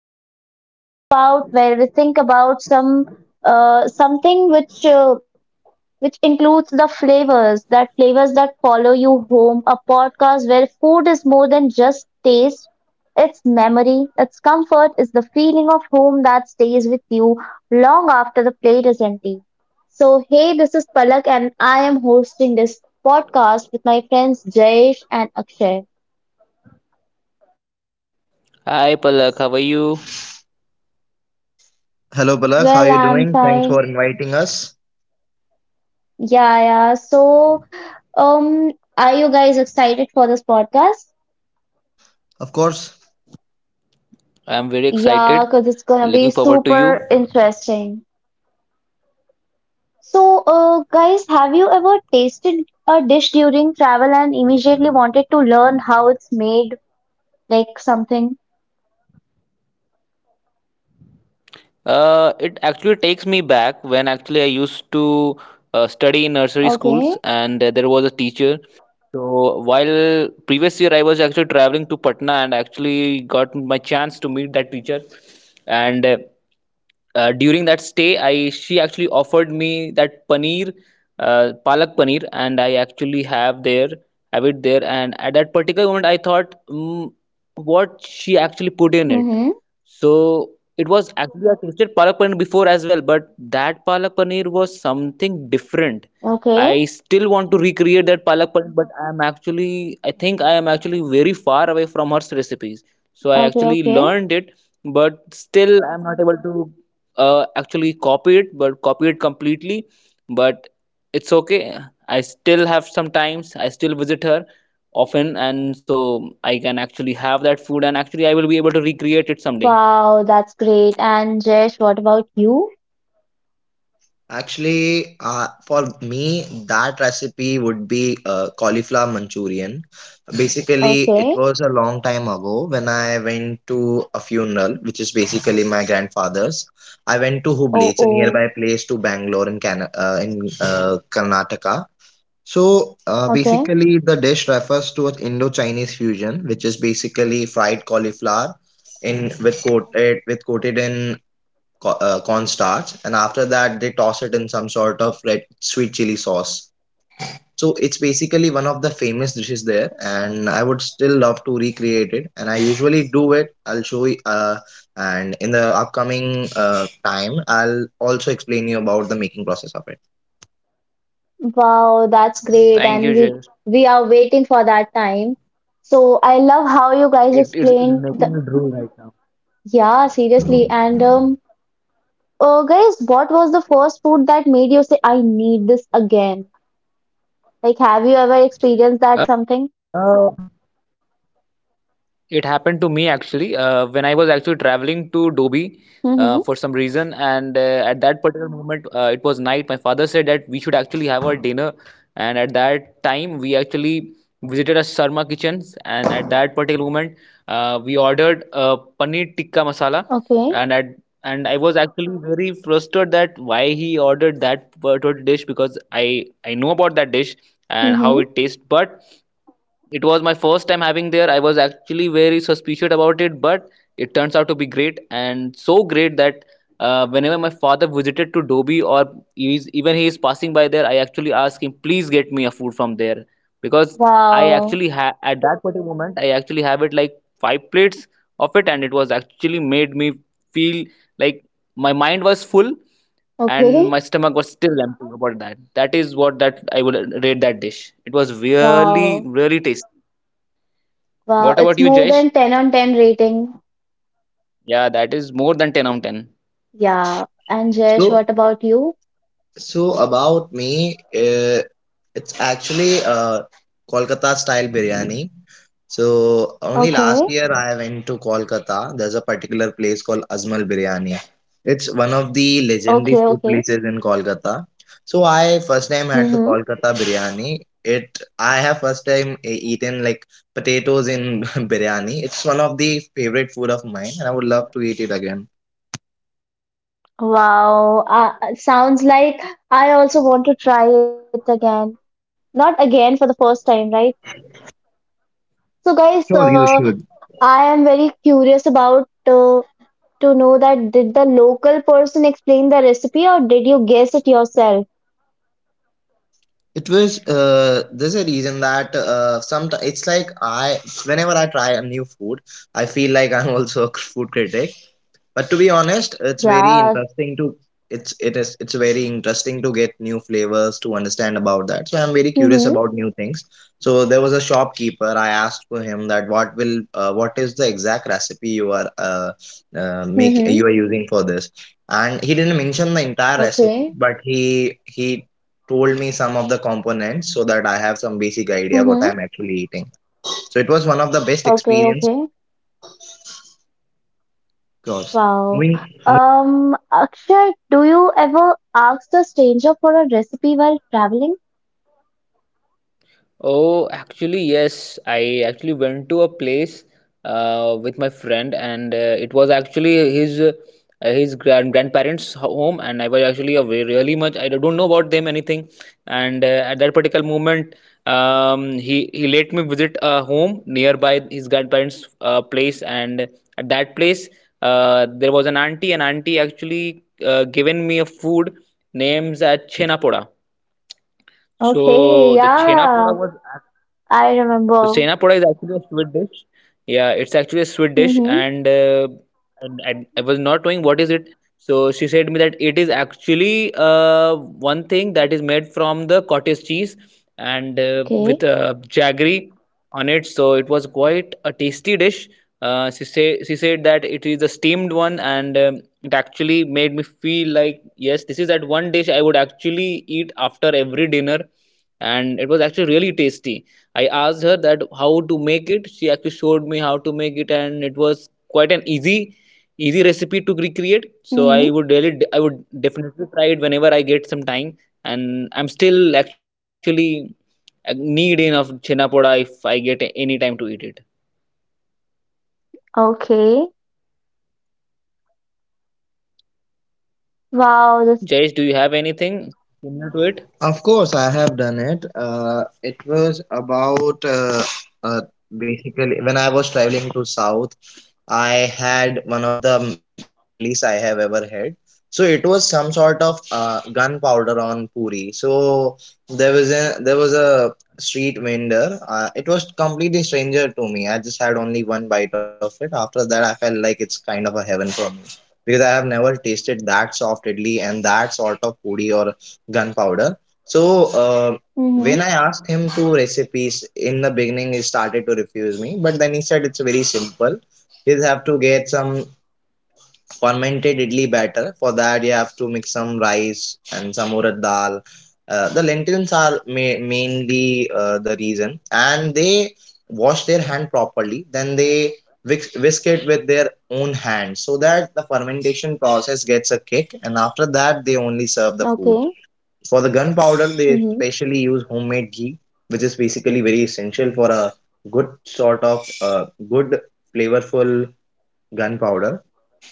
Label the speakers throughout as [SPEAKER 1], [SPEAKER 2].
[SPEAKER 1] we learn about, where we think about something which includes the flavors that follow you home, a podcast where food is more than just taste. It's memory, it's comfort, it's the feeling of home that stays with you long after the plate is empty. So, hey, this is Palak, and I am hosting this podcast with my friends Jayesh and Akshay.
[SPEAKER 2] Hi Palak, how are you?
[SPEAKER 3] Hello, Palak. How
[SPEAKER 1] Well,
[SPEAKER 3] you
[SPEAKER 1] I'm
[SPEAKER 3] doing? Thanks for
[SPEAKER 1] fine.
[SPEAKER 3] inviting us.
[SPEAKER 1] Yeah, yeah. So, um, are you guys excited for this podcast?
[SPEAKER 3] Of course.
[SPEAKER 2] I'm very
[SPEAKER 1] Yeah,
[SPEAKER 2] excited.
[SPEAKER 1] because it's gonna be
[SPEAKER 2] Looking forward to you.
[SPEAKER 1] super interesting. So, guys, have you ever tasted a dish during travel and immediately wanted to learn how it's made, like something?
[SPEAKER 2] It actually takes me back when actually I used to study in nursery
[SPEAKER 1] Okay.
[SPEAKER 2] schools, and there was a teacher. So while previous year I was actually traveling to Patna and actually got my chance to meet that teacher, and during that stay I she actually offered me that paneer palak paneer, and I actually have it there. And at that particular moment, I thought, what she actually put in it.
[SPEAKER 1] Mm-hmm.
[SPEAKER 2] So it was actually I tasted palak paneer before as well, but that palak paneer was something different.
[SPEAKER 1] Okay.
[SPEAKER 2] I still want to recreate that palak paneer, but I think I am actually very far away from her recipes. So I
[SPEAKER 1] Okay.
[SPEAKER 2] actually
[SPEAKER 1] Okay.
[SPEAKER 2] learned it, but still I am not able to actually copy it completely, but it's okay. I still have sometimes I still visit her often, and so I can actually have that food, and actually I will be able to recreate it someday.
[SPEAKER 1] Wow, that's great. And Jesh, what about you?
[SPEAKER 3] Actually, for me, that recipe would be cauliflower Manchurian. Basically, it
[SPEAKER 1] Okay.
[SPEAKER 3] was a long time ago when I went to a funeral, which is basically my grandfather's. I went to
[SPEAKER 1] Oh,
[SPEAKER 3] Hubli. It's a
[SPEAKER 1] oh.
[SPEAKER 3] nearby place to Bangalore in, in Karnataka. So
[SPEAKER 1] Okay.
[SPEAKER 3] basically, the dish refers to an Indo-Chinese fusion, which is basically fried cauliflower in with coated in cornstarch, and after that they toss it in some sort of red sweet chili sauce. So it's basically one of the famous dishes there, and I would still love to recreate it. And I usually do it. I'll show you, and in the upcoming time, I'll also explain you about the making process of it.
[SPEAKER 1] Wow, that's great. And we
[SPEAKER 2] Thank you, Jay.
[SPEAKER 1] we are waiting for that time. So I love how you guys
[SPEAKER 2] it
[SPEAKER 1] explained the Yeah, seriously. And guys, what was the first food that made you say, I need this again? Like, have you ever experienced that something?
[SPEAKER 2] Uh, It happened to me actually when I was actually traveling to Dobi
[SPEAKER 1] Mm-hmm.
[SPEAKER 2] for some reason, and at that particular moment, it was night. My father said that we should actually have our dinner, and at that time, we actually visited a Sharma Kitchens, and at that particular moment, we ordered paneer tikka masala,
[SPEAKER 1] Okay.
[SPEAKER 2] and at and I was actually very frustrated that why he ordered that particular dish because I know about that dish and
[SPEAKER 1] Mm-hmm.
[SPEAKER 2] how it tastes, but it was my first time having there. I was actually very suspicious about it, but it turns out to be great, and so great that whenever my father visited to Dobi or even he is passing by there, I actually ask him, please get me a food from there, because I
[SPEAKER 1] Wow.
[SPEAKER 2] actually at that particular moment I actually have it like five plates of it. And it was actually made me feel like my mind was full and
[SPEAKER 1] Okay.
[SPEAKER 2] my stomach was still empty about that. That is what that I would rate that dish. It was really,
[SPEAKER 1] Wow.
[SPEAKER 2] really tasty.
[SPEAKER 1] Wow. It's
[SPEAKER 2] What about
[SPEAKER 1] more
[SPEAKER 2] you,
[SPEAKER 1] than
[SPEAKER 2] Jayesh?
[SPEAKER 1] 10 on 10 rating.
[SPEAKER 2] Yeah, that is more than 10 out of
[SPEAKER 1] Yeah. And Jesh,
[SPEAKER 3] So
[SPEAKER 1] what about you?
[SPEAKER 3] So about me, it's actually Kolkata style biryani. So only last
[SPEAKER 1] Okay.
[SPEAKER 3] year I went to Kolkata. There's a particular place called Azmal Biryani. It's one of the
[SPEAKER 1] Okay.
[SPEAKER 3] legendary
[SPEAKER 1] Okay.
[SPEAKER 3] food places in Kolkata. So I first time had the
[SPEAKER 1] Mm-hmm.
[SPEAKER 3] Kolkata biryani. It I have first time eaten like potatoes in biryani. It's one of the favorite food of mine, and I would love to eat it
[SPEAKER 2] 10.
[SPEAKER 3] again.
[SPEAKER 1] Wow. Sounds like I also want to try it again. Not again for the first time, right? So, guys,
[SPEAKER 3] Sure, you should.
[SPEAKER 1] I am very curious about to know that did the local person explain the recipe or did you guess it yourself?
[SPEAKER 3] It was there's a reason that sometimes it's like I whenever I try a new food, I feel like I'm also a food critic. But to be honest, it's very
[SPEAKER 1] Yeah.
[SPEAKER 3] interesting to it's it is it's very interesting to get new flavors to understand about that. So I'm very curious
[SPEAKER 1] Mm-hmm.
[SPEAKER 3] about new things. So there was a shopkeeper. I asked for him that what is the exact recipe you are make you
[SPEAKER 1] Mm-hmm.
[SPEAKER 3] are using for this, and he didn't mention the entire recipe,
[SPEAKER 1] Okay.
[SPEAKER 3] but he told me some of the components so that I have some basic idea what
[SPEAKER 1] Mm-hmm.
[SPEAKER 3] I'm actually eating. So it was one of the best
[SPEAKER 1] Okay,
[SPEAKER 3] experience.
[SPEAKER 1] okay.
[SPEAKER 3] Of course.
[SPEAKER 1] Wow.
[SPEAKER 3] Moving.
[SPEAKER 1] Akshay, do you ever ask a stranger for a recipe while traveling?
[SPEAKER 2] Oh, actually, yes. I actually went to a place with my friend, and it was actually his grandparents' home, and I was actually away really much. I don't know about them anything, and at that particular moment, he let me visit a home nearby his grandparents' place. And at that place, there was an auntie, and auntie actually given me a food names at Chenapoda.
[SPEAKER 1] Okay,
[SPEAKER 2] So the Chenapoda
[SPEAKER 1] yeah.
[SPEAKER 2] was
[SPEAKER 1] I remember.
[SPEAKER 2] senapoda is actually a sweet dish. Yeah, it's actually a sweet dish,
[SPEAKER 1] Mm-hmm.
[SPEAKER 2] and, and I was not knowing what is it. So she said me that it is actually one thing that is made from the cottage cheese and with
[SPEAKER 1] Okay.
[SPEAKER 2] jaggery on it. So it was quite a tasty dish. She said that it is a steamed one, and it actually made me feel like, yes, this is that one dish I would actually eat after every dinner, and it was actually really tasty. I asked her that how to make it. She actually showed me how to make it, and it was quite an easy recipe to recreate. So
[SPEAKER 1] Mm-hmm.
[SPEAKER 2] I would definitely try it whenever I get some time. And I'm still actually need enough chena poda if I get any time to eat it.
[SPEAKER 1] Okay. Wow, this.
[SPEAKER 2] Jayesh, do you have anything similar to it?
[SPEAKER 3] Of course, I have done it. It was about uh, basically when I was traveling to South, I had one of the best idlis I have ever had. So it was some sort of gunpowder on puri. So there was a street vendor. It was completely stranger to me. I just had only one bite of it. After that, I felt like it's kind of a heaven for me because I have never tasted that soft idli and that sort of puri or gunpowder so
[SPEAKER 1] Mm-hmm.
[SPEAKER 3] when I asked him to recipes in the beginning, he started to refuse me. But then he said it's very simple. You just have to get some fermented idli batter. For that, you have to mix some rice and some urad dal. The lentils are ma- mainly the reason, and they wash their hand properly. Then they whisk, whisk it with their own hand so that the fermentation process gets a kick. And after that, they only serve the food
[SPEAKER 1] Okay.
[SPEAKER 3] for the gunpowder, they
[SPEAKER 1] Mm-hmm.
[SPEAKER 3] especially use homemade ghee, which is basically very essential for a good sort of good flavorful gunpowder.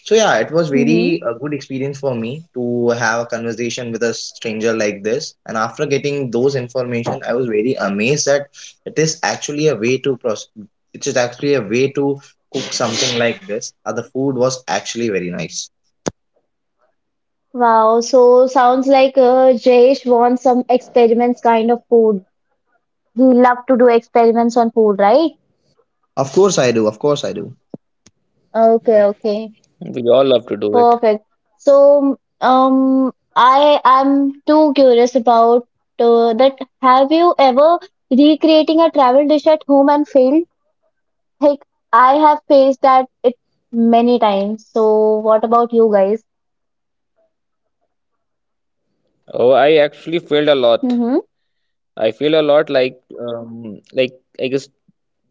[SPEAKER 3] So yeah, it was
[SPEAKER 1] Mm-hmm.
[SPEAKER 3] very a good experience for me to have a conversation with a stranger like this. And after getting those information, I was very amazed that it is actually a way to process. It is actually a way to cook something like this. And the food was actually very nice.
[SPEAKER 1] Wow, so sounds like Jayesh wants some experiments kind of food. He love to do experiments on food, right?
[SPEAKER 3] Of course I do. Of course I do.
[SPEAKER 1] Okay, okay,
[SPEAKER 2] We all love to do it.
[SPEAKER 1] perfect. So, I am too curious about that. Have you ever recreating a travel dish at home and failed? Like I have faced that it many times. So, what about you guys?
[SPEAKER 2] Oh, I actually failed a lot.
[SPEAKER 1] Mm-hmm.
[SPEAKER 2] I feel a lot like I guess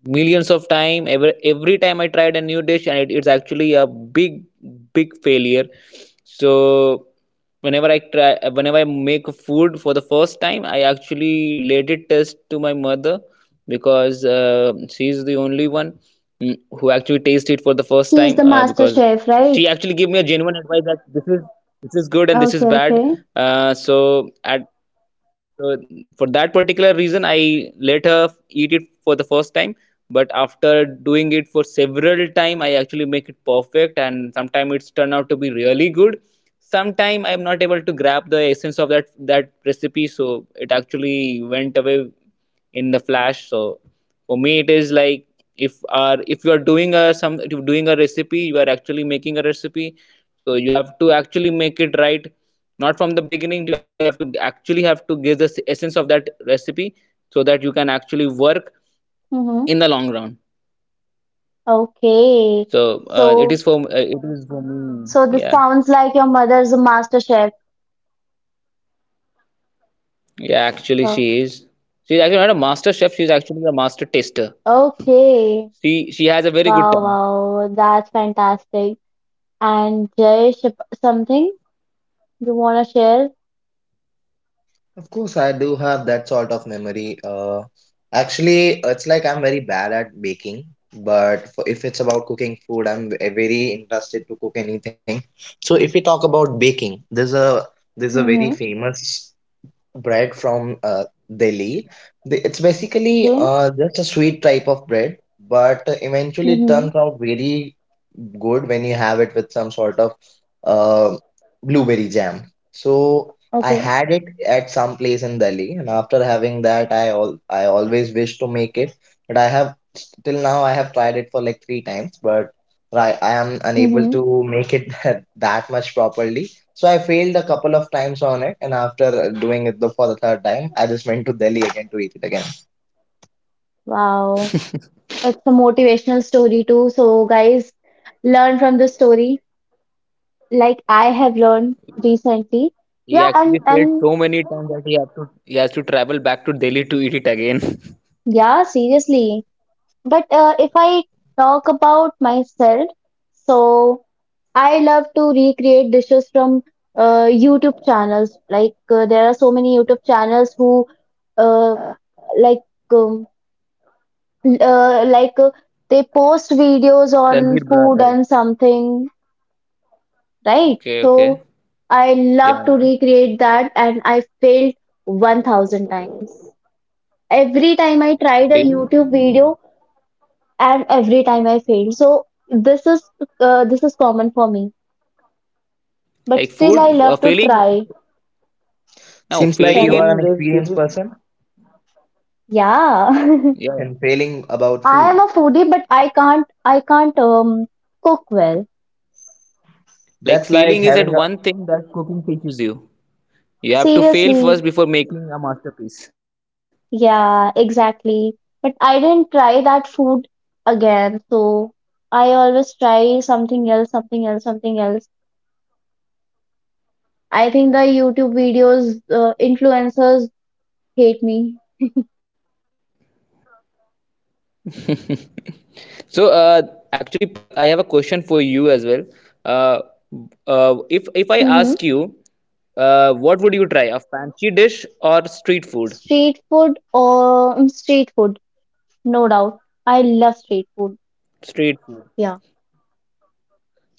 [SPEAKER 2] millions of time. Every every time I tried a new dish, it's actually a big failure. So whenever I make a food for the first time, I actually let it test to my mother, because she's the only one, who actually tasted it for the first
[SPEAKER 1] He is the
[SPEAKER 2] time
[SPEAKER 1] master
[SPEAKER 2] because
[SPEAKER 1] chef, right?
[SPEAKER 2] she actually gave me a genuine advice that this is good and this
[SPEAKER 1] Okay,
[SPEAKER 2] is
[SPEAKER 1] okay.
[SPEAKER 2] bad. Uh, so at so for that particular reason, I later eat it for the first time. But after doing it for several time, I actually make it perfect, and sometimes it's turned out to be really good. Sometime I'm not able to grab the essence of that recipe, so it actually went away in the flash. So for me, it is like if you are doing a some if you're doing a recipe, you are actually making a recipe, so you have to actually make it right, not from the beginning, but you actually have to give the essence of that recipe, so that you can actually work
[SPEAKER 1] Mm-hmm.
[SPEAKER 2] in the long run.
[SPEAKER 1] Okay.
[SPEAKER 2] So
[SPEAKER 1] So,
[SPEAKER 2] it is for me,
[SPEAKER 1] this
[SPEAKER 2] yeah.
[SPEAKER 1] sounds like your mother's a master chef.
[SPEAKER 2] Yeah, actually
[SPEAKER 1] Oh,
[SPEAKER 2] she is. She's actually not a master chef, she's actually a master taster.
[SPEAKER 1] okay.
[SPEAKER 2] She has a very
[SPEAKER 1] Wow,
[SPEAKER 2] good tongue.
[SPEAKER 1] wow. That's fantastic. And Jayesh, something you want to share?
[SPEAKER 3] Of course, I do have that sort of memory. Actually, it's like I'm very bad at baking, but for, if it's about cooking food, I'm very interested to cook anything. So, if we talk about baking, there's a
[SPEAKER 1] Mm-hmm.
[SPEAKER 3] very famous bread from Delhi. It's basically
[SPEAKER 1] Okay.
[SPEAKER 3] just a sweet type of bread, but eventually it
[SPEAKER 1] Mm-hmm.
[SPEAKER 3] turns out very good when you have it with some sort of uh, blueberry jam. So I
[SPEAKER 1] Okay.
[SPEAKER 3] had it at some place in Delhi, and after having that, I always wish to make it, but I have till now I have tried it for like three times, but I am unable
[SPEAKER 1] Mm-hmm.
[SPEAKER 3] to make it that much properly. So I failed a couple of times on it, and after doing it for the third time, I just went to Delhi again to eat it again.
[SPEAKER 1] Wow. It's a motivational story too. So, guys, learn from the story like I have learned recently.
[SPEAKER 2] He
[SPEAKER 1] Yeah,
[SPEAKER 2] actually
[SPEAKER 1] and
[SPEAKER 2] failed
[SPEAKER 1] and
[SPEAKER 2] so many times that he has to travel back to Delhi to eat it again.
[SPEAKER 1] yeah, seriously. But if I talk about myself, so I love to recreate dishes from YouTube channels. Like there are so many YouTube channels who uh, like um, l- uh, like uh, they post videos
[SPEAKER 2] Ranveer
[SPEAKER 1] on
[SPEAKER 2] Bra, right?
[SPEAKER 1] food and something,
[SPEAKER 2] Okay,
[SPEAKER 1] right?
[SPEAKER 2] okay.
[SPEAKER 1] So I
[SPEAKER 2] Yeah, yeah.
[SPEAKER 1] love to recreate that, and I failed 1,000 times. Every time I tried a
[SPEAKER 2] failing
[SPEAKER 1] YouTube video, and every time I fail. So this is common for me. But
[SPEAKER 2] Like
[SPEAKER 1] still, I
[SPEAKER 2] food,
[SPEAKER 1] love to
[SPEAKER 2] failing.
[SPEAKER 1] try.
[SPEAKER 2] No,
[SPEAKER 3] Seems like
[SPEAKER 2] failing
[SPEAKER 3] you
[SPEAKER 1] Sorry,
[SPEAKER 2] in
[SPEAKER 3] are an
[SPEAKER 2] this,
[SPEAKER 3] experienced
[SPEAKER 2] failing.
[SPEAKER 3] person
[SPEAKER 1] yeah,
[SPEAKER 2] Yeah, yeah.
[SPEAKER 3] in failing about
[SPEAKER 1] I am
[SPEAKER 3] food.
[SPEAKER 1] a foodie, but I can't cook well.
[SPEAKER 2] Like
[SPEAKER 3] That's like
[SPEAKER 2] failing is at
[SPEAKER 3] having a.
[SPEAKER 2] one thing that cooking teaches you. You have to fail first
[SPEAKER 1] Seriously,
[SPEAKER 2] before making a masterpiece.
[SPEAKER 1] yeah, exactly. But I didn't try that food again, so I always try something else, something else, something else. I think the YouTube videos influencers hate me.
[SPEAKER 2] So, actually, Palak, I have a question for you as well. Uh, if I
[SPEAKER 1] Mm-hmm.
[SPEAKER 2] ask you, what would you try, a fancy dish or street food?
[SPEAKER 1] Street food or street food. No doubt. I love street food.
[SPEAKER 2] Street food.
[SPEAKER 1] Yeah.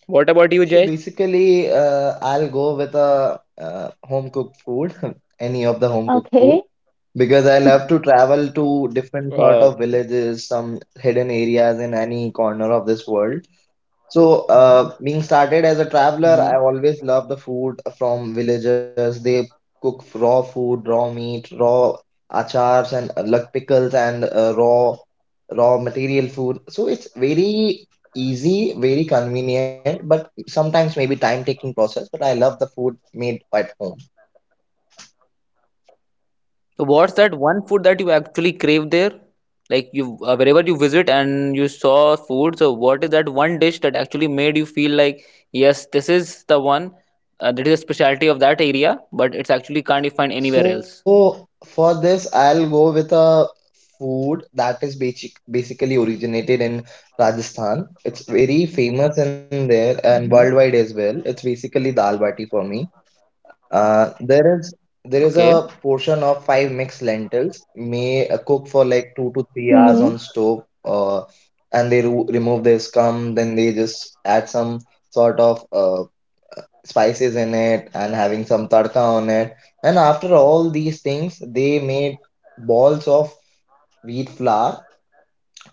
[SPEAKER 2] What about you,
[SPEAKER 3] So
[SPEAKER 2] Jay?
[SPEAKER 3] basically, I'll go with a home cooked food, any of the home cooked food,
[SPEAKER 1] Okay.
[SPEAKER 3] because I love to travel to different sort of
[SPEAKER 2] Uh,
[SPEAKER 3] villages, some hidden areas in any corner of this world. So, being started as a traveler, I
[SPEAKER 2] Mhm.
[SPEAKER 3] always love the food from villagers. They cook raw food, raw meat, raw achars, and like pickles and raw material food. So it's very easy, very convenient, but sometimes maybe time taking process. But I love the food made at home.
[SPEAKER 2] So, what's that one food that you actually crave there? Like you, wherever you visit and you saw food. So, what is that one dish that actually made you feel like, yes, this is the one that is a specialty of that area, but it's actually can't be find anywhere else.
[SPEAKER 3] So for this, I'll go with a food that is basically originated in Rajasthan. It's very famous in there and worldwide
[SPEAKER 2] Mhm.
[SPEAKER 3] as well. It's basically dal bati for me. Uh, there is there is a
[SPEAKER 2] Okay.
[SPEAKER 3] portion of five mixed lentils may cook for
[SPEAKER 1] Mm-hmm.
[SPEAKER 3] like 2 to 3 hours on
[SPEAKER 2] Mhm.
[SPEAKER 3] stove and they ro remove their scum, then they just add some sort of spices in it and having some tadka on it. And after all these things they made balls of wheat flour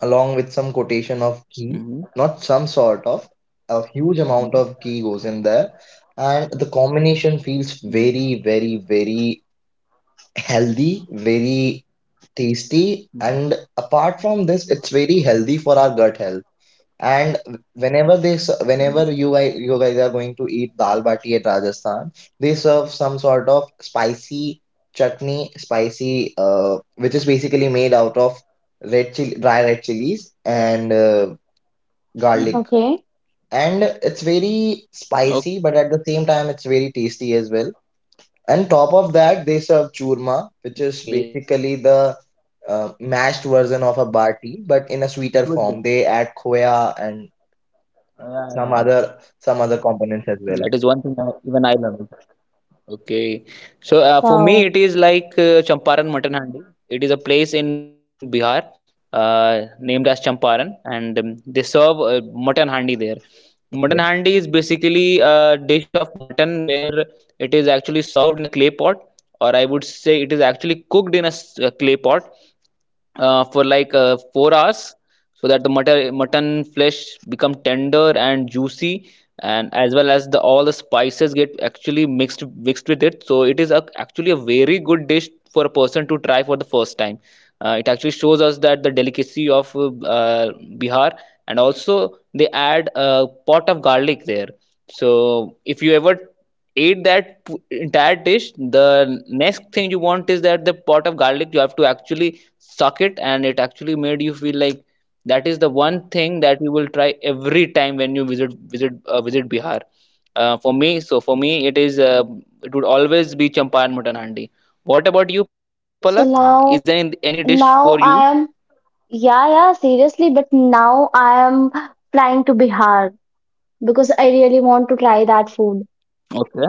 [SPEAKER 3] along with some quotation of ghee, not
[SPEAKER 2] Mm-hmm.
[SPEAKER 3] some sort of, a huge amount of ghee
[SPEAKER 2] Mhm.
[SPEAKER 3] goes in there. And the combination feels very, very, very healthy, very tasty. And
[SPEAKER 2] Mhm.
[SPEAKER 3] apart from this, it's very healthy for our gut health. And whenever whenever
[SPEAKER 2] Mhm.
[SPEAKER 3] you guys are going to eat dal bati at Rajasthan, they serve some sort of spicy chutney, spicy, which is basically made out of red chili, dry red chilies and garlic.
[SPEAKER 1] Okay.
[SPEAKER 2] Mm-hmm.
[SPEAKER 3] And it's very spicy, but at the same time, it's very tasty as well. And top of that, they serve churma,
[SPEAKER 2] Okay.
[SPEAKER 3] which is basically the mashed version of a barti, but in a sweeter
[SPEAKER 2] Sweet dish.
[SPEAKER 3] form. They add khoya and
[SPEAKER 2] Yeah, yeah.
[SPEAKER 3] some other components as
[SPEAKER 2] That
[SPEAKER 3] well.
[SPEAKER 2] is one thing I, even I love. Okay. So for
[SPEAKER 1] Wow.
[SPEAKER 2] me, it is like Champaran Mutton Handi. It is a place in Bihar named as Champaran, and they serve mutton handi there. Mutton
[SPEAKER 3] Okay.
[SPEAKER 2] handi is basically a dish of mutton where it is actually served in a clay pot, or I would say it is actually cooked in a a clay pot, for like 4 hours, so that the mutton flesh become tender and juicy, and as well as the all the spices get actually mixed with it. So it is a, actually a very good dish for a person to try for the first time. It actually shows us that the delicacy of uh, Bihar. And also they add a pot of garlic there. So if you ever eat entire dish, the next thing you want is that the pot of garlic, you have to actually suck it. And it actually made you feel like that is the one thing that you will try every time when you visit Bihar. For me, it is it would always be Champan mutton handi. What about you, Palak?
[SPEAKER 1] So
[SPEAKER 2] Is there any
[SPEAKER 1] now,
[SPEAKER 2] dish for you?
[SPEAKER 1] I am, yeah, yeah, seriously, but now I am flying to Bihar because I really want to try that food.
[SPEAKER 2] Okay,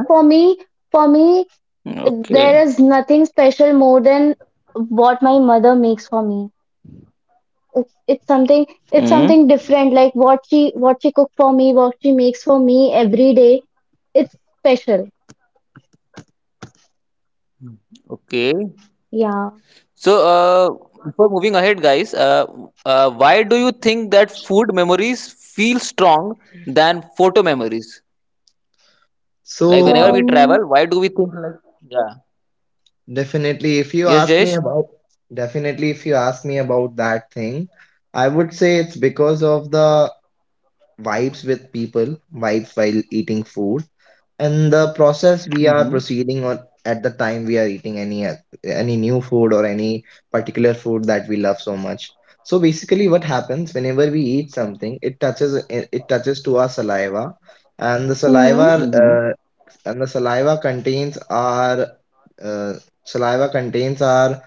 [SPEAKER 1] For me, for me,
[SPEAKER 2] okay.
[SPEAKER 1] there is nothing special more than what my mother makes for me. It's something,
[SPEAKER 2] Mm.
[SPEAKER 1] it's something different. Like what she cook for me, what she makes for me every day. It's special.
[SPEAKER 2] Okay.
[SPEAKER 1] Yeah.
[SPEAKER 2] So, before moving ahead, guys, why do you think that food memories feel strong than photo memories? Like
[SPEAKER 3] So,
[SPEAKER 2] whenever we
[SPEAKER 1] Um,
[SPEAKER 2] travel, why do we think like, yeah?
[SPEAKER 3] definitely if you
[SPEAKER 2] Yes,
[SPEAKER 3] ask me
[SPEAKER 2] Jayesh.
[SPEAKER 3] about definitely if you ask me about that thing, I would say it's because of the vibes with people, vibes while eating food, and the process we are
[SPEAKER 2] Mm-hmm.
[SPEAKER 3] proceeding on at the time we are eating any new food or any particular food that we love so much. So basically what happens whenever we eat something, it it touches to our saliva, and
[SPEAKER 1] hmm
[SPEAKER 2] Mm-hmm.
[SPEAKER 3] uh, the saliva contains our uh, saliva contains our.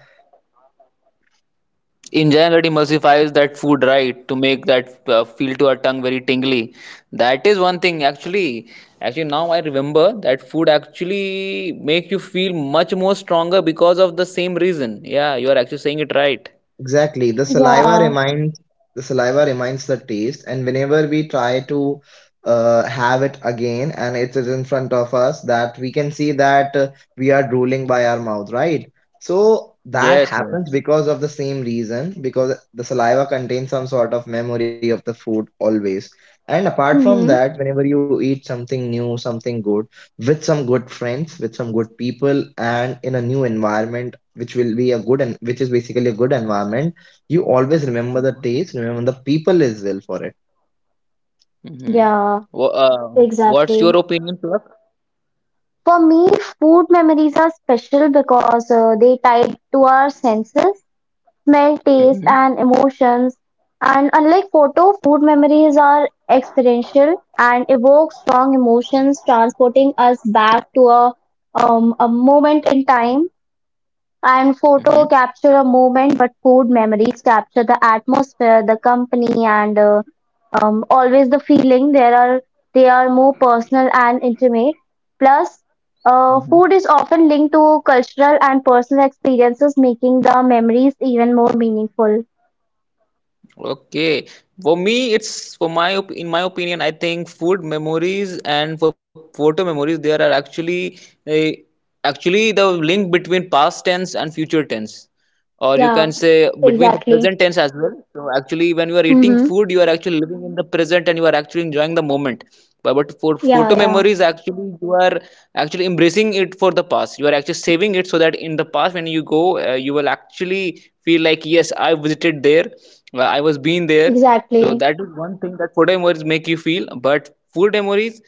[SPEAKER 2] Enjoying it emulsifies that food, right, to make that feel to our tongue very tingly. That is one thing. Actually now I remember that food actually make you feel much more stronger because of the same reason. Yeah, you are actually saying it right.
[SPEAKER 3] Exactly.
[SPEAKER 1] yeah,
[SPEAKER 3] The saliva reminds the taste, and whenever we try to have it again, and it is in front of us, that we can see that we are drooling by our mouth, right? So that
[SPEAKER 2] Yes.
[SPEAKER 3] happens because of the same reason, because the saliva contains some sort of memory of the food always. And apart from
[SPEAKER 1] hmm
[SPEAKER 3] that, whenever you eat something new, something good, with some good friends, with some good people, and in a new environment which will be a good and which is basically a good environment, you always remember the
[SPEAKER 2] Yes.
[SPEAKER 3] taste, remember the people as well for it.
[SPEAKER 2] Mm-hmm.
[SPEAKER 1] yeah,
[SPEAKER 2] What's your
[SPEAKER 1] exactly.
[SPEAKER 2] opinion, Pluck?
[SPEAKER 1] For me, food memories are special because they tied to our senses, smell, taste,
[SPEAKER 2] Mm-hmm.
[SPEAKER 1] and emotions. And unlike photo, food memories are experiential and evoke strong emotions, transporting us back to a moment in time. And
[SPEAKER 2] Mm-hmm.
[SPEAKER 1] photo capture a moment, but food memories capture the atmosphere, the company, and always the feeling. There are they are more personal and intimate. Plus,
[SPEAKER 2] Mm-hmm.
[SPEAKER 1] food is often linked to cultural and personal experiences, making the memories even more meaningful.
[SPEAKER 2] Okay. For me, it's for in my opinion, I think food memories and for photo memories there are actually uh, actually the link between past tense and future tense. Or you can
[SPEAKER 1] Yeah,
[SPEAKER 2] say between the
[SPEAKER 1] exactly.
[SPEAKER 2] present tense as well. So actually, when you are eating
[SPEAKER 1] Mm-hmm.
[SPEAKER 2] food, you are actually living in the present and you are actually enjoying the moment. But for
[SPEAKER 1] Yeah,
[SPEAKER 2] photo
[SPEAKER 1] yeah,
[SPEAKER 2] memories, actually, you are actually embracing it for the past. You are actually saving it so that in the past, when you go, you will actually feel like, yes, I visited there, well, I was been there, so
[SPEAKER 1] exactly.
[SPEAKER 2] that is one thing that photo memories make you feel. But food memories,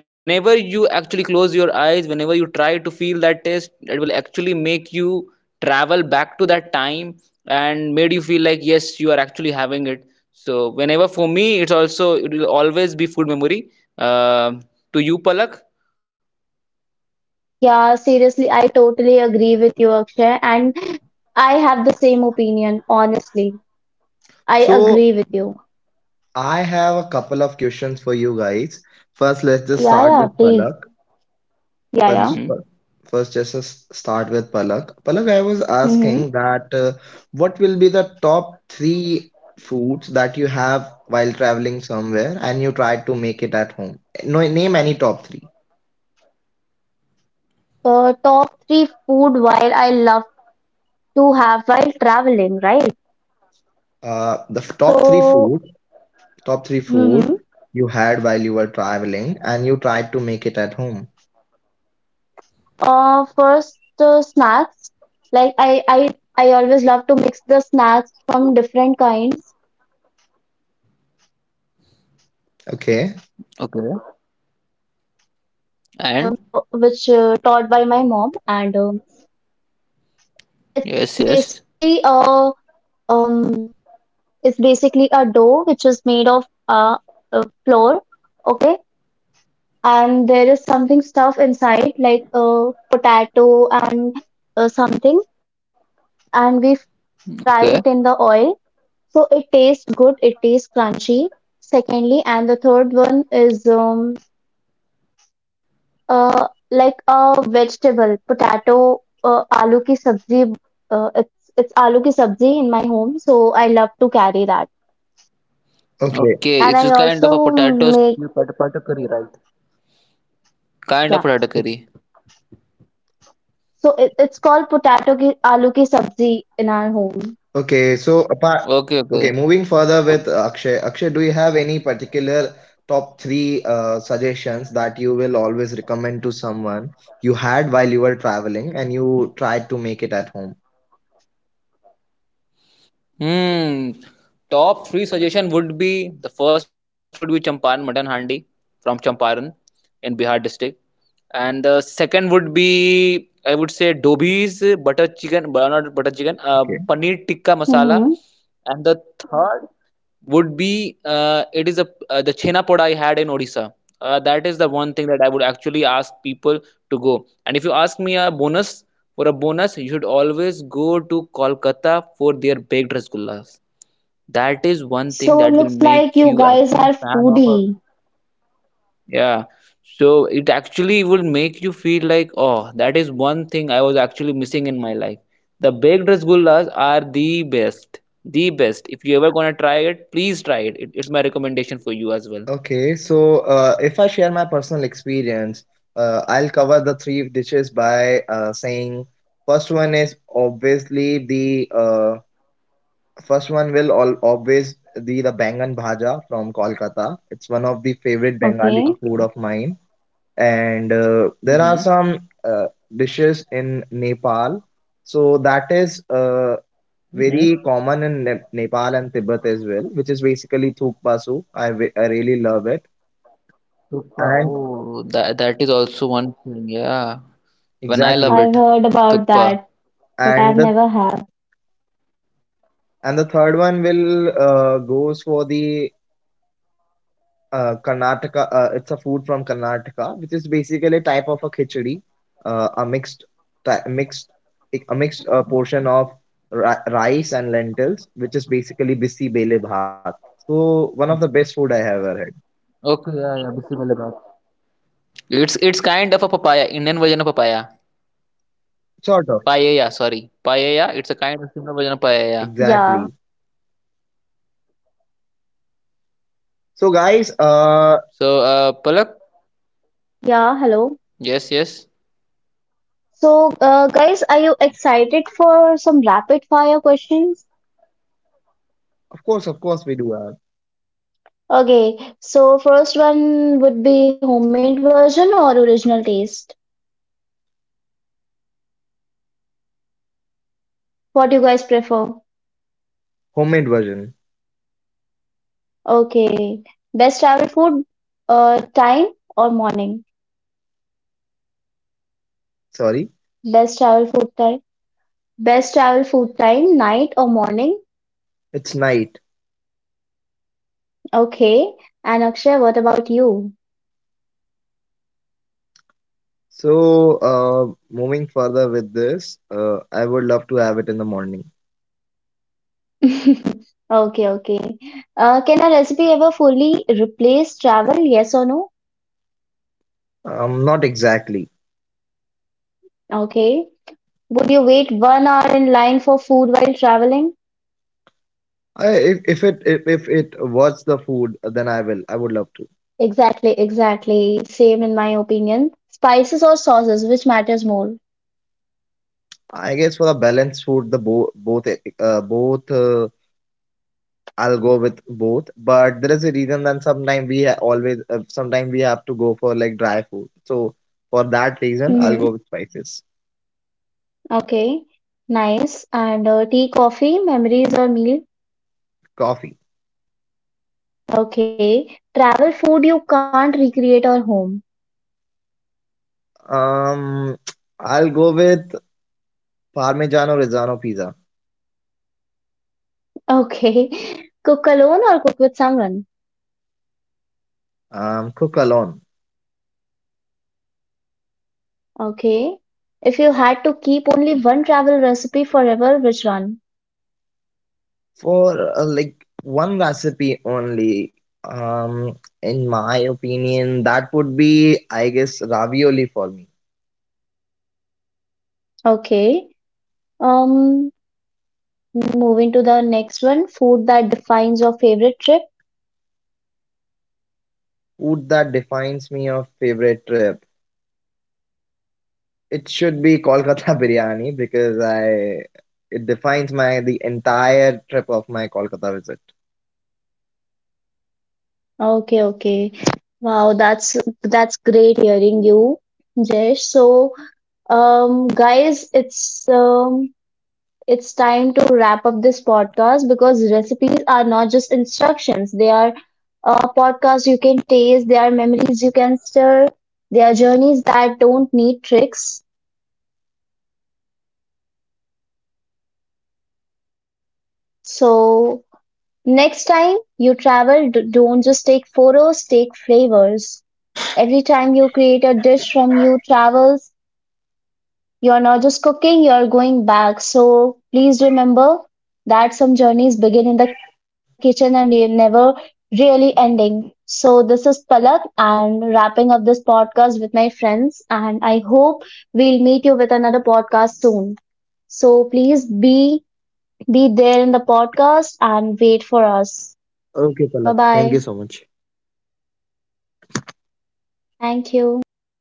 [SPEAKER 2] whenever you actually close your eyes, whenever you try to feel that taste, it will actually make you travel back to that time and made you feel like, yes, you are actually having it. So whenever for me, it's also it will always be food memory. Um, to you, Palak.
[SPEAKER 1] Yeah, seriously, I totally agree with you, Akshay, and I have the same opinion, honestly. I
[SPEAKER 3] So
[SPEAKER 1] agree with you.
[SPEAKER 3] I have a couple of questions for you guys. First, let's just
[SPEAKER 1] Yeah,
[SPEAKER 3] start
[SPEAKER 1] yeah,
[SPEAKER 3] with
[SPEAKER 2] Mm-hmm.
[SPEAKER 1] please.
[SPEAKER 3] Palak.
[SPEAKER 1] Yeah, yeah.
[SPEAKER 3] first
[SPEAKER 2] Mm-hmm.
[SPEAKER 3] first just us Palak, I was asking
[SPEAKER 1] Mm-hmm.
[SPEAKER 3] that, what will be the top 3 foods that you have while traveling somewhere and you try to make it at home? No, name any top 3.
[SPEAKER 1] Top three food while I love to have while traveling, right?
[SPEAKER 3] uh the f- top 3
[SPEAKER 1] So,
[SPEAKER 3] food Top three food
[SPEAKER 1] mm-hmm.
[SPEAKER 3] you had while you were traveling and you tried to make it at home.
[SPEAKER 1] First the snacks. Like I always love to mix the snacks from different kinds. And secondly,
[SPEAKER 3] Okay.
[SPEAKER 1] I love to make the
[SPEAKER 2] Okay.
[SPEAKER 1] kachori, which is which
[SPEAKER 2] And
[SPEAKER 1] taught by my mom, and it's basically
[SPEAKER 2] yes,
[SPEAKER 1] a
[SPEAKER 2] yes.
[SPEAKER 1] um It's basically a dough which is made of flour, okay, and there is something stuff inside like potato and something, and we fry it in the oil.
[SPEAKER 2] Okay.
[SPEAKER 1] So it tastes good. It tastes crunchy. Secondly, and the third one is like a vegetable, potato, aloo ki sabzi. It's aloo ki sabzi in my home, so I love to carry that.
[SPEAKER 3] Okay.
[SPEAKER 2] Okay.
[SPEAKER 1] And
[SPEAKER 2] It's
[SPEAKER 1] I
[SPEAKER 2] just kind of a
[SPEAKER 1] also
[SPEAKER 2] potato
[SPEAKER 1] make.
[SPEAKER 2] stew, potato curry, right? Kind
[SPEAKER 1] Yeah.
[SPEAKER 2] of radically.
[SPEAKER 1] So it, it's called potato ki aloo ki sabzi in our home.
[SPEAKER 3] Okay. So apart,
[SPEAKER 2] Okay,
[SPEAKER 3] okay,
[SPEAKER 2] okay.
[SPEAKER 3] moving further with Akshay. Akshay, do you have any particular top three suggestions that you will always recommend to someone you had while you were traveling and you tried to make it at home?
[SPEAKER 2] Hmm. Top three suggestion would be the first would be Champaran mutton handi from Champaran in Bihar district, and the second would be I would say Dobi's butter chicken, but not butter chicken,
[SPEAKER 3] Okay.
[SPEAKER 2] paneer tikka masala,
[SPEAKER 1] hmm
[SPEAKER 2] and the third would be it is a the chhena poda I had in Odisha. That is the one thing that I would actually ask people to go. And if you ask me a bonus for a bonus, you should always go to Kolkata for their baked rasgullas. That is one thing
[SPEAKER 1] So
[SPEAKER 2] that will
[SPEAKER 1] looks like
[SPEAKER 2] make
[SPEAKER 1] you
[SPEAKER 2] you
[SPEAKER 1] guys
[SPEAKER 2] actually
[SPEAKER 1] are
[SPEAKER 2] fan of a,
[SPEAKER 1] foodie.
[SPEAKER 2] yeah. So it actually would make you feel like, oh, that is one thing I was actually missing in my life. The baked rasgullas are the best. The best. If you ever gonna try it, please try it. It's my recommendation for you as well.
[SPEAKER 3] Okay, so if I share my personal experience, I'll cover the three dishes by saying first one is obviously the first one will all always be the bangan bhaja from Kolkata. It's one of the favorite
[SPEAKER 1] Okay,
[SPEAKER 3] Bengali food of
[SPEAKER 2] Okay.
[SPEAKER 3] mine, and there are
[SPEAKER 2] Mm-hmm.
[SPEAKER 3] some uh, dishes in Nepal, so that is
[SPEAKER 2] Mm-hmm.
[SPEAKER 3] very common in Ne Nepal and Tibet as well, which is basically thukpasu. I really love it.
[SPEAKER 2] Thukpa.
[SPEAKER 3] And.
[SPEAKER 2] Oh, that that is also one thing. Yeah. Even I love
[SPEAKER 3] Exactly.
[SPEAKER 1] I've
[SPEAKER 2] it.
[SPEAKER 1] heard about
[SPEAKER 2] Thukpa.
[SPEAKER 1] that, but
[SPEAKER 3] And
[SPEAKER 1] I've
[SPEAKER 3] the
[SPEAKER 1] never had.
[SPEAKER 3] and the third one will goes for the Karnataka. It's a food from Karnataka, which is basically a type of a khichdi, uh, a mixed ty- mixed a mixed portion of rice and lentils, which is basically bisi bele bhat. So one of the best food I have ever had.
[SPEAKER 2] Okay. Yeah. Yeah. Bismillah baat. It's kind of a papaya. Indian version of papaya.
[SPEAKER 3] Sort of.
[SPEAKER 2] Paella. Sorry. Paella. It's a kind of similar version of paella.
[SPEAKER 3] Exactly.
[SPEAKER 1] Yeah,
[SPEAKER 3] So guys,
[SPEAKER 2] So, Palak,
[SPEAKER 1] yeah. Hello.
[SPEAKER 2] yes, yes,
[SPEAKER 1] So, guys, are you excited for some rapid fire questions?
[SPEAKER 3] of course, we do a
[SPEAKER 2] please, please, we are actually looking for it.
[SPEAKER 1] Okay. So first one would be homemade version or original taste. What do you guys prefer?
[SPEAKER 3] homemade version.
[SPEAKER 2] Am I,
[SPEAKER 1] Okay.
[SPEAKER 2] before
[SPEAKER 1] Best
[SPEAKER 2] moving
[SPEAKER 1] travel
[SPEAKER 2] ahead,
[SPEAKER 1] food time or
[SPEAKER 2] actually, I was
[SPEAKER 1] morning?
[SPEAKER 2] thinking that what about
[SPEAKER 3] Sorry,
[SPEAKER 2] people like
[SPEAKER 1] Best travel
[SPEAKER 2] who
[SPEAKER 1] food
[SPEAKER 2] love
[SPEAKER 1] time.
[SPEAKER 2] street food more
[SPEAKER 1] Best
[SPEAKER 2] while
[SPEAKER 1] travel food
[SPEAKER 2] traveling
[SPEAKER 1] time,
[SPEAKER 2] and
[SPEAKER 1] night or morning?
[SPEAKER 2] about the restaurants? What
[SPEAKER 3] it's
[SPEAKER 2] do you think,
[SPEAKER 3] night.
[SPEAKER 2] Jayesh?
[SPEAKER 1] Okay. And Akshay, what about you?
[SPEAKER 3] So, moving further with this, I would love to have it in the morning.
[SPEAKER 1] Okay,
[SPEAKER 2] Jayesh,
[SPEAKER 1] okay.
[SPEAKER 2] am I audible
[SPEAKER 1] Can a
[SPEAKER 2] to you?
[SPEAKER 1] recipe ever fully replace travel? Yes or no?
[SPEAKER 3] Not exactly.
[SPEAKER 1] Okay. Would you wait 1 hour in line for food while traveling?
[SPEAKER 3] I, if it was the food, then I will. I would love to.
[SPEAKER 1] Exactly, exactly. Same in my opinion. Spices or sauces, which matters more?
[SPEAKER 3] I guess for the balanced food, the bo both both I'll go with both. But there is a reason that sometimes we have to go for like dry food. So for that reason, I'll
[SPEAKER 1] Mhm.
[SPEAKER 3] go with spices.
[SPEAKER 1] Okay, nice. And tea, coffee, memories or meal?
[SPEAKER 3] Coffee.
[SPEAKER 1] Okay. Travel food you can't recreate or home.
[SPEAKER 3] Um, I'll go with Parmigiano Reggiano pizza.
[SPEAKER 1] Okay. Cook alone or cook with someone?
[SPEAKER 3] Cook alone.
[SPEAKER 1] Okay. If you had to keep only one travel recipe forever, which one?
[SPEAKER 3] For like one recipe only, um, in my opinion, that would be, I guess, ravioli for me.
[SPEAKER 1] Okay. Um, Moving to the next one, food that defines your favorite trip.
[SPEAKER 3] Food that defines me of favorite trip. It should be Kolkata biryani because I it defines my the entire trip of my Kolkata visit.
[SPEAKER 1] Okay, okay. Wow, that's great hearing you, Jesh. So, guys, it's time to wrap up this podcast because recipes are not just instructions. They are podcasts you can taste, they are memories you can stir, they are journeys that don't need tricks. So, next time you travel, don't just take photos, take flavors. Every time you create a dish from your travels, you're not just cooking, you're going back. So please remember that some journeys begin in the kitchen and never really ending. So this is Palak and wrapping up this podcast with my friends. And I hope we'll meet you with another podcast soon. So please be there in the podcast and wait for us.
[SPEAKER 3] Okay, Palak.
[SPEAKER 1] Bye
[SPEAKER 3] Thank you so
[SPEAKER 1] bye.
[SPEAKER 3] much.
[SPEAKER 1] Thank you.